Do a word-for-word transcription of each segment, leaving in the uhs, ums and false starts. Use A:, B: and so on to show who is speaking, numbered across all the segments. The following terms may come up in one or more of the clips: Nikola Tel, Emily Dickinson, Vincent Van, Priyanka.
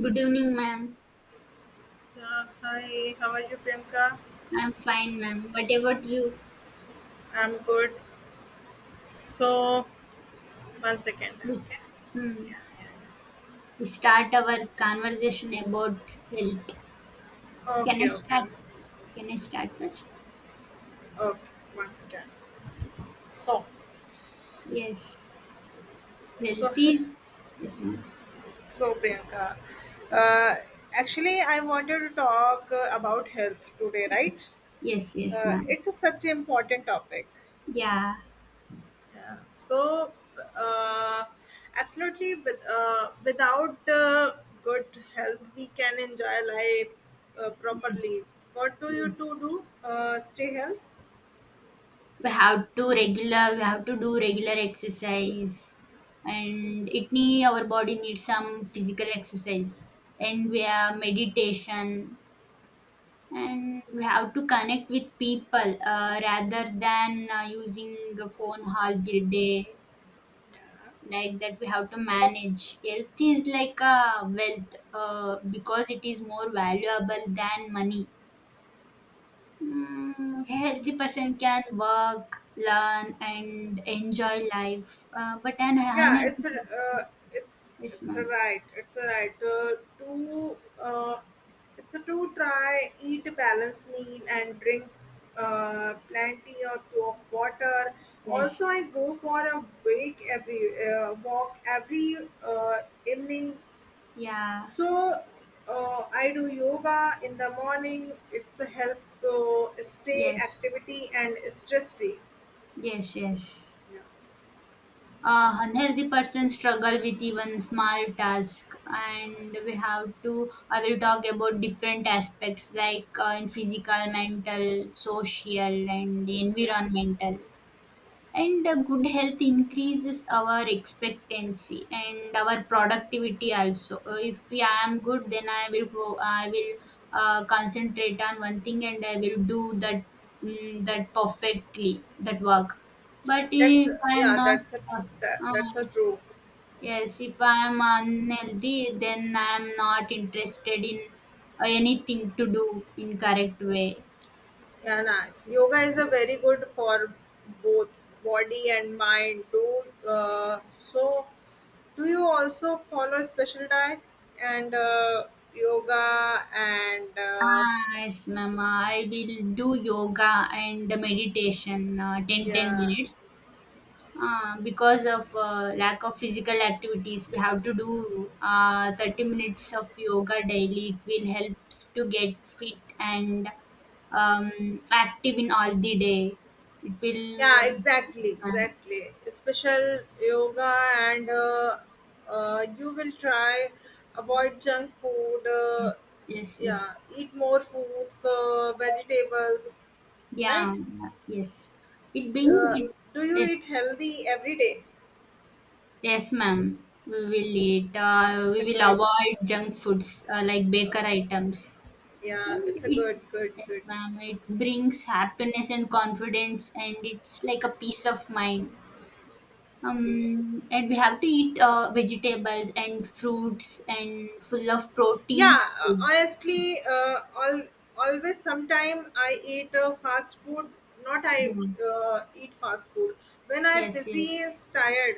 A: Good evening, ma'am.
B: Yeah, hi, how are you, Priyanka?
A: I'm fine, ma'am. What about you?
B: I'm good. So, one second,
A: We,
B: okay?
A: s- hmm, we start our conversation about health. Can
B: Okay,
A: I
B: okay,
A: start? Can I start first?
B: okay, one second. So,
A: Yes.
B: so,
A: Health is. Yes, ma'am.
B: so, Priyanka, uh, actually, I wanted to talk uh, about health today, right?
A: Yes, yes,
B: Uh,
A: ma'am.
B: it is such an important topic.
A: Yeah.
B: Yeah. So, uh, absolutely, with, uh, without uh, good health, we can enjoy life uh,
A: Yes.
B: properly. What do you
A: Yes.
B: two do? Uh, stay healthy.
A: We have to regular. We have to do regular exercise, and it need our body needs some physical exercise, and we have meditation and we have to connect with people uh, rather than uh, using a phone all the day. Like that, we have to manage. Health is like a wealth, uh, because it is more valuable than money. Mm, a healthy person can work, learn and enjoy life, uh, but an
B: Yeah, it's
A: unhealthy
B: a,
A: person.
B: uh, it's
A: Yes,
B: it's a
A: ma'am.
B: right. It's a right uh, to uh, it's a to try eat a balanced meal and drink uh, plenty or two of water. Also,
A: Yes.
B: I go for a wake every uh, walk every uh, evening.
A: Yeah.
B: So uh, I do yoga in the morning. It's a help to stay
A: Yes.
B: activity and stress free.
A: Yes. Yes.
B: Yeah,
A: Uh, unhealthy person struggle with even small task, and we have to, i will talk about different aspects like, uh, in physical, mental, social and
B: Yeah,
A: environmental, and the good health increases our expectancy and our productivity also. Uh, if I am good, then i will go i will uh, concentrate on one thing and I will do that mm, that perfectly, that work, but
B: that's
A: if I am
B: yeah,
A: not.
B: that's a tr-
A: uh,
B: that, that's
A: uh,
B: a true.
A: yes, if I am unhealthy, then I am not interested in uh, anything to do in correct way.
B: Yeah, nice. Yoga is a very good for both body and mind. Do uh, so. Do you also follow a special diet and uh, yoga and uh,
A: Ah, yes, ma'am. I will do yoga and meditation uh, 10 ten
B: yeah?
A: minutes. Uh, because of uh, lack of physical activities, we have to do uh, thirty minutes of yoga daily. It will help to get fit and um, active in all the day. It
B: Yeah,
A: will,
B: exactly,
A: ma'am.
B: exactly, special yoga, and uh, uh, you will try avoid junk food, uh,
A: Yes, yes,
B: yeah,
A: yes.
B: eat more fruits, uh, vegetables,
A: Yeah,
B: right?
A: yes. It being,
B: uh,
A: it,
B: do you
A: yes.
B: eat healthy every day?
A: Yes, ma'am. We will eat. Uh,
B: It's a
A: we will
B: good,
A: avoid junk foods uh, like baker items.
B: yeah,
A: And
B: it's a
A: it,
B: good good
A: yes,
B: good
A: ma'am, it brings happiness and confidence, and it's like a peace of mind.
B: Okay.
A: Um, and we have to eat uh, vegetables and fruits and full of
B: Yeah,
A: proteins
B: uh,
A: foods.
B: honestly, uh, all, always sometime I eat uh, fast food. Not I
A: Yeah.
B: uh, Eat fast food when I'm
A: Yes,
B: busy and
A: yes.
B: tired.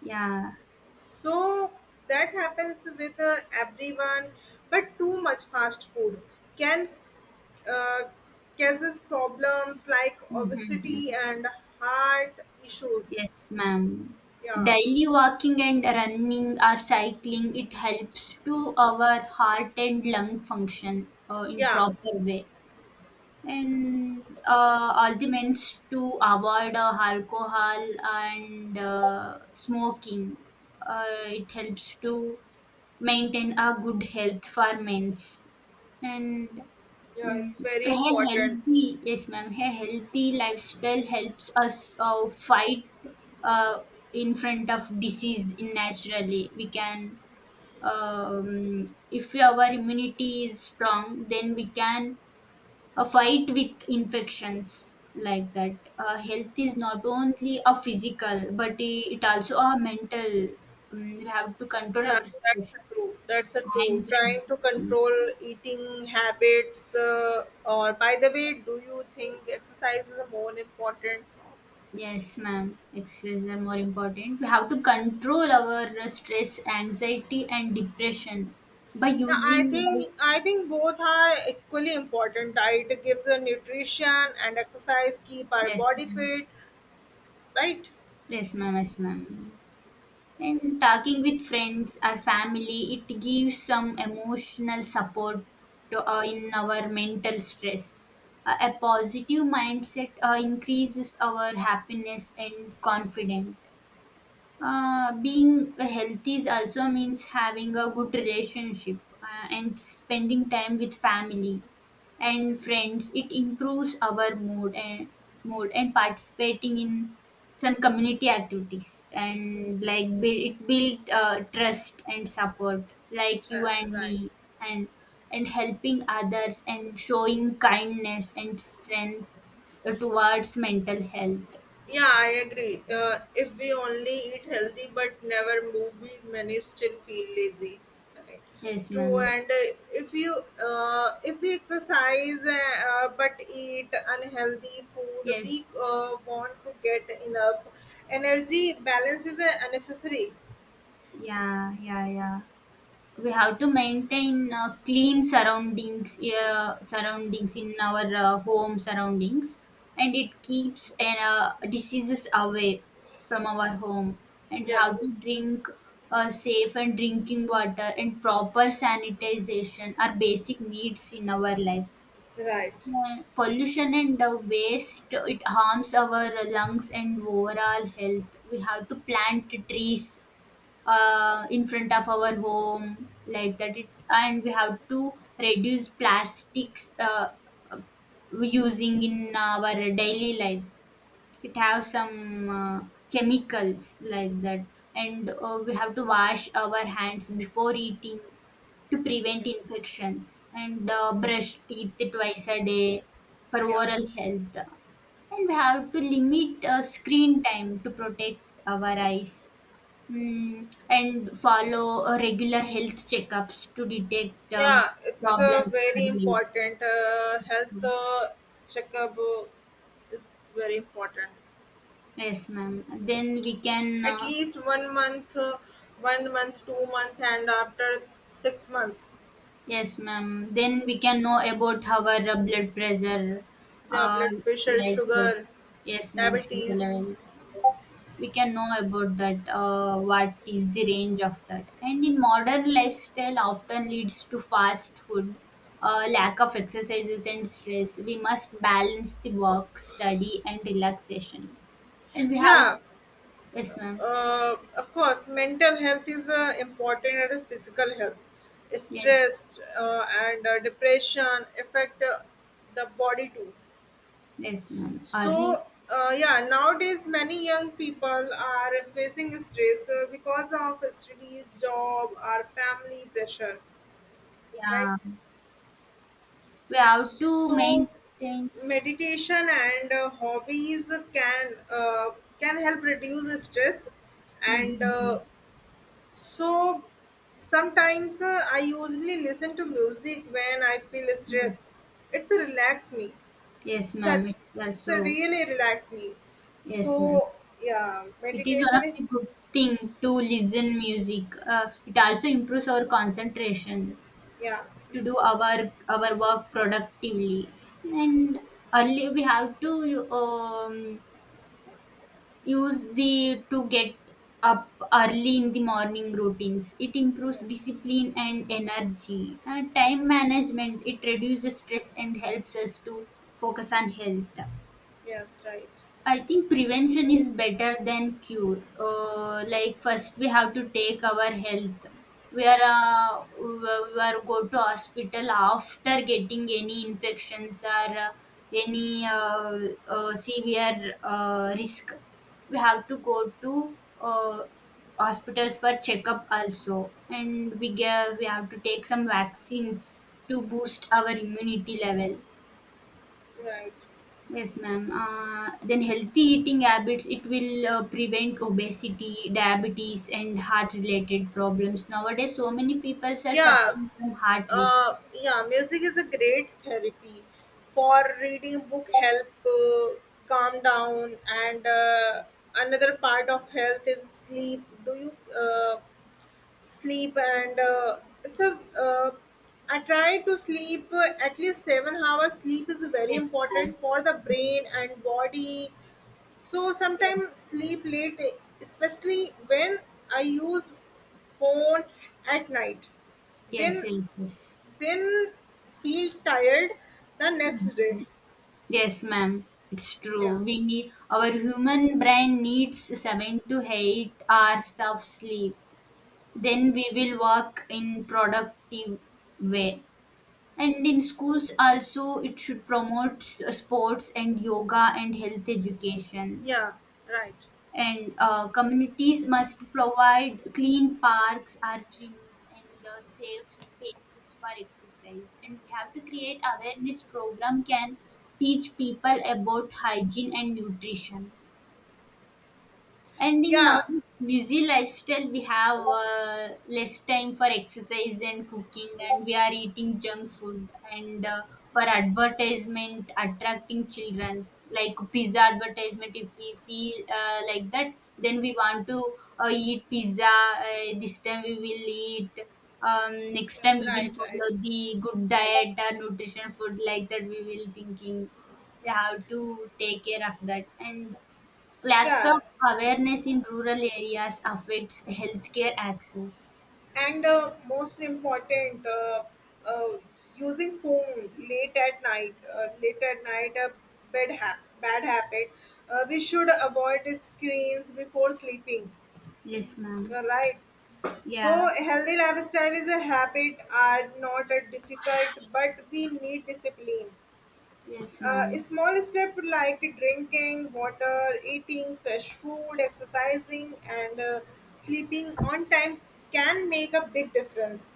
A: Yeah.
B: So that happens with uh, everyone. But too much fast food can uh, causes problems like
A: Mhm.
B: obesity and heart issues.
A: Yes, ma'am.
B: Yeah,
A: Daily walking and running or cycling, it helps to our heart and lung function uh, in
B: yeah,
A: proper way. And uh, all the means to avoid uh, alcohol and uh, smoking. Uh, it helps to maintain a good health for men's. And
B: yeah. It's
A: mm.
B: very
A: A
B: important.
A: healthy, yes, ma'am. A healthy lifestyle helps us uh, fight uh, in front of disease in naturally. We can, um, if our immunity is strong, then we can uh, fight with infections like that. Uh, health is not only a physical, but i- it also a mental. Mm, we have to control
B: Yeah,
A: our
B: that's
A: stress,
B: a true. That's a true.
A: anxiety.
B: Trying to
A: Mm.
B: control eating habits. Uh, or by the way, do you think exercise is more important?
A: Yes, ma'am. Exercise are more important. We have to control our uh, stress, anxiety, and depression by
B: Yeah, I
A: using by
B: think I think both are equally important. Diet gives the nutrition, and exercise keep our
A: yes,
B: body
A: ma'am.
B: fit. Right?
A: Yes, ma'am. Yes, ma'am. And talking with friends or family, it gives some emotional support to, uh, in our mental stress. Uh, a positive mindset uh, increases our happiness and confidence. Uh, being healthy is also means having a good relationship uh, and spending time with family and friends. It improves our mood and mood and participating in some community activities and like build, it build uh, trust and support like
B: Uh,
A: you and
B: right.
A: me and and helping others and showing kindness and strength towards mental health.
B: Yeah, I agree. Uh, if we only eat healthy but never move, we many still feel lazy. Correct.
A: Yes,
B: True,
A: ma'am.
B: and uh, if you uh, if we exercise uh, but eat unhealthy food, we
A: Yes.
B: uh, want to get enough energy. Balance is uh, unnecessary.
A: Yeah, yeah, yeah. We have to maintain uh, clean surroundings, uh, surroundings in our uh, home surroundings, and it keeps uh, diseases away from our home. And we
B: Yeah,
A: have to drink uh, safe and drinking water, and proper sanitization are basic needs in our life.
B: right.
A: Uh, pollution and uh, waste, it harms our lungs and overall health. We have to plant trees uh, in front of our home like that it, and we have to reduce plastics uh, using in our daily life. It has some uh, chemicals like that, and uh, we have to wash our hands before eating to
B: Yeah,
A: prevent infections, and uh, brush teeth twice a day for
B: yeah,
A: oral health, and we have to limit uh, screen time to protect our eyes. Mm, and follow uh, regular health checkups to detect um,
B: yeah. It's uh,
A: problems
B: very
A: early.
B: important. Uh,
A: Yes,
B: health
A: ma'am.
B: uh, checkup uh, is very important.
A: Yes, ma'am. Then we can,
B: At
A: uh,
B: least one month, uh, one month, two month, and after six month.
A: yes, ma'am, then we can know about our uh, blood pressure,
B: Yeah,
A: uh,
B: blood pressure,
A: like that.
B: sugar,
A: Yes, ma'am, sugar
B: diabetes.
A: level. We can know about that, uh, what is the range of that. And in modern lifestyle, often leads to fast food, uh, lack of exercises and stress. We must balance the work, study and relaxation, and we have
B: Yeah,
A: yes, ma'am.
B: uh, of course, mental health is uh, important as physical health.
A: Yes.
B: Stress uh, and uh, depression affect uh, the body too.
A: Yes, ma'am. Early.
B: So, uh, yeah, nowadays many young people are facing stress uh, because of studies, job, or family pressure, right?
A: Yeah, we have to
B: So,
A: maintain.
B: meditation and uh, hobbies can uh, can help reduce stress. And
A: Mm-hmm.
B: uh, so, Sometimes uh, I usually listen to music when I feel
A: Yes.
B: stressed. It's a relax me.
A: Yes, ma'am.
B: Such
A: It's
B: it's a
A: also
B: really relax me.
A: yes, ma'am.
B: So yeah,
A: It is one
B: meditation
A: of
B: is
A: the good thing to listen music. Uh, it also improves our concentration
B: yeah,
A: to do our our work productively. And early we have to, um, use the to get up early in the morning routines. It improves
B: yes,
A: discipline and energy. Uh, time management. It reduces stress and helps us to focus on health.
B: yes, right,
A: I think prevention is better than cure. Uh, like first we have to take our health. We are, uh, we are go to hospital after getting any infections or uh, any uh, uh, severe uh, risk. We have to go to uh, hospitals for checkup also, and we get, we have to take some vaccines to boost our immunity level.
B: right,
A: Yes, ma'am. Uh, then healthy eating habits, it will uh, prevent obesity, diabetes, and heart-related problems. Nowadays, so many people are
B: yeah.
A: suffering from heart risk.
B: Uh, yeah, music is a great therapy for reading book, help uh, calm down, and uh, another part of health is sleep. Do you uh, sleep and uh, it's a uh, I try to sleep uh, at least seven hours. Sleep is very
A: Yes, ma'am.
B: important for the brain and body. So
A: Yes,
B: sometimes sleep late, especially when I use phone at night,
A: yes,
B: then
A: yes, yes.
B: then feel tired the next day.
A: Mhm. Yes, ma'am. It's
B: Yeah,
A: true. We need our human brain needs seven to eight hours of sleep. Then we will work in productive way. And in schools also, it should promote s- uh, sports and yoga and health education.
B: yeah, right.
A: And uh, communities must provide clean parks, our gyms, and uh, safe spaces for exercise. And we have to create awareness program can teach people about hygiene and nutrition. And in our
B: Yeah.
A: busy lifestyle, we have uh, less time for exercise and cooking, and we are eating junk food, and uh, for advertisement attracting childrens like pizza advertisement. If we see uh, like that, then we want to uh, eat pizza. Uh, this time we will eat. Um, next time
B: That's
A: we will
B: right, right.
A: follow the good diet or nutrition food like that. We will thinking we have to take care of that. And lack
B: Yeah.
A: of awareness in rural areas affects healthcare access.
B: And uh, most important, uh, uh, using phone late at night, uh, late at night, a bad, ha- bad habit. Uh, we should avoid screens before sleeping,
A: Yes, ma'am.
B: you right? So,
A: Yeah.
B: healthy lifestyle is a habit, are not a difficult, but we need discipline.
A: Yes,
B: Uh, a
A: ma'am.
B: small step like drinking water, eating fresh food, exercising, and uh, sleeping on time can make a big difference.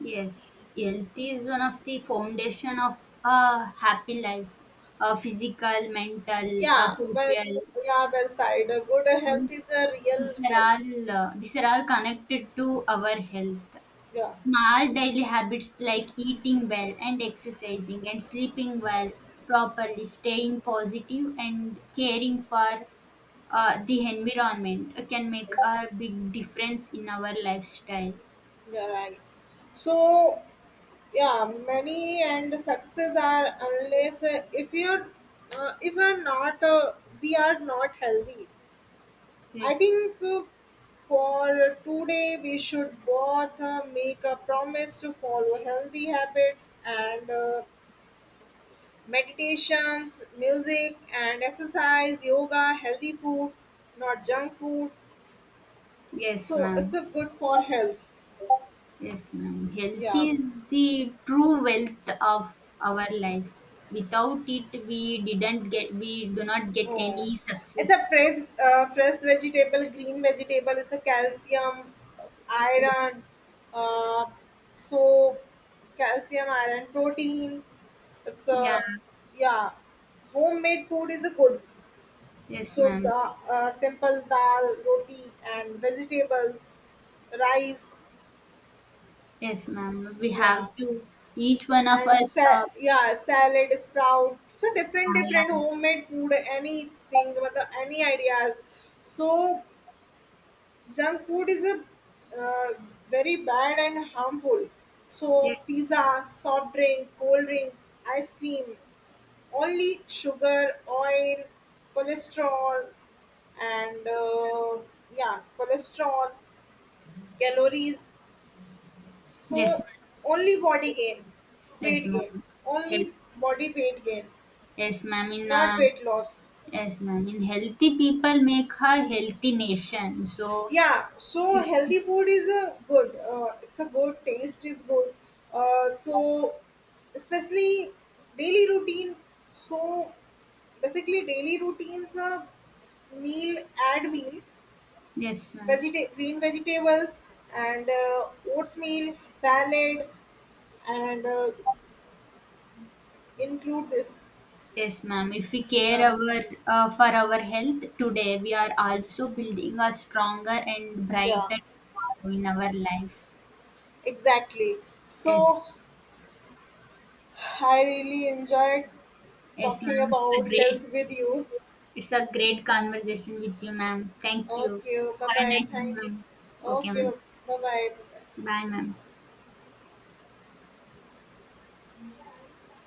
A: Yes, health is one of the foundation of a happy life. Uh, physical, mental, uh,
B: Yeah, well,
A: social.
B: yeah, well said. A good health
A: And
B: is a real
A: these are
B: wealth.
A: all uh, these are all connected to our health.
B: Yeah,
A: Small daily habits like eating well and exercising and sleeping well properly, staying positive and caring for uh, the environment uh, can make
B: yeah,
A: a big difference in our lifestyle.
B: yeah, right. So, yeah, money and success are unless uh, if you uh, if you're not uh, we are not healthy, I
A: Yes,
B: think. Uh, for today we should both uh, make a promise to follow healthy habits and uh, meditations, music and exercise, yoga, healthy food, not junk food.
A: yes,
B: So it's
A: ma'am.
B: a good for health.
A: Yes, ma'am. Health
B: Yeah.
A: is the true wealth of our life. Without it, we didn't get, we do not get
B: Oh.
A: any
B: It's a
A: success.
B: fresh, uh, fresh vegetable, green vegetable. It's a calcium, iron, uh, so calcium, iron, protein. It's
A: Yeah.
B: a, yeah, homemade food is a good.
A: Yes,
B: So
A: ma'am.
B: the uh, simple dal roti and vegetables, rice,
A: Yes, ma'am. We
B: yeah,
A: have to. Each one of
B: and
A: us. Uh,
B: sa- yeah, salad, sprout, so different
A: yeah,
B: different
A: yeah.
B: homemade food, anything मतलब any ideas. So junk food is a uh, very bad and harmful. So pizza,
A: Yes.
B: soft drink, cold drink, ice cream, only sugar, oil, cholesterol, and uh, yeah, cholesterol, calories.
A: Yes,
B: So
A: ma'am.
B: only body gain,
A: Yes,
B: weight gain,
A: ma'am. Health.
B: only body weight gain,
A: Yes, ma'am. In
B: not
A: uh,
B: weight loss.
A: yes, ma'am. And healthy people make a healthy nation. So,
B: Yeah, so
A: if
B: healthy food is a good. Uh, it's a good, taste is good. Uh, so especially daily routine. So basically daily routines a meal, add meal,
A: yes, ma'am.
B: vegeta- green vegetables and uh, oatmeal, salad, and uh, include this.
A: Yes, ma'am. If we care
B: Um,
A: our uh, for our health today, we are also building a stronger and
B: yeah,
A: brighter tomorrow in our life.
B: exactly.
A: Yes,
B: So I really enjoyed
A: yes,
B: talking
A: ma'am. It's a
B: about
A: great,
B: health with you.
A: it's a great conversation with you, ma'am. Thank you.
B: Okay, bye
A: Have a
B: bye,
A: nice day,
B: thank.
A: ma'am. Okay,
B: Okay,
A: ma'am.
B: bye bye.
A: Bye, ma'am.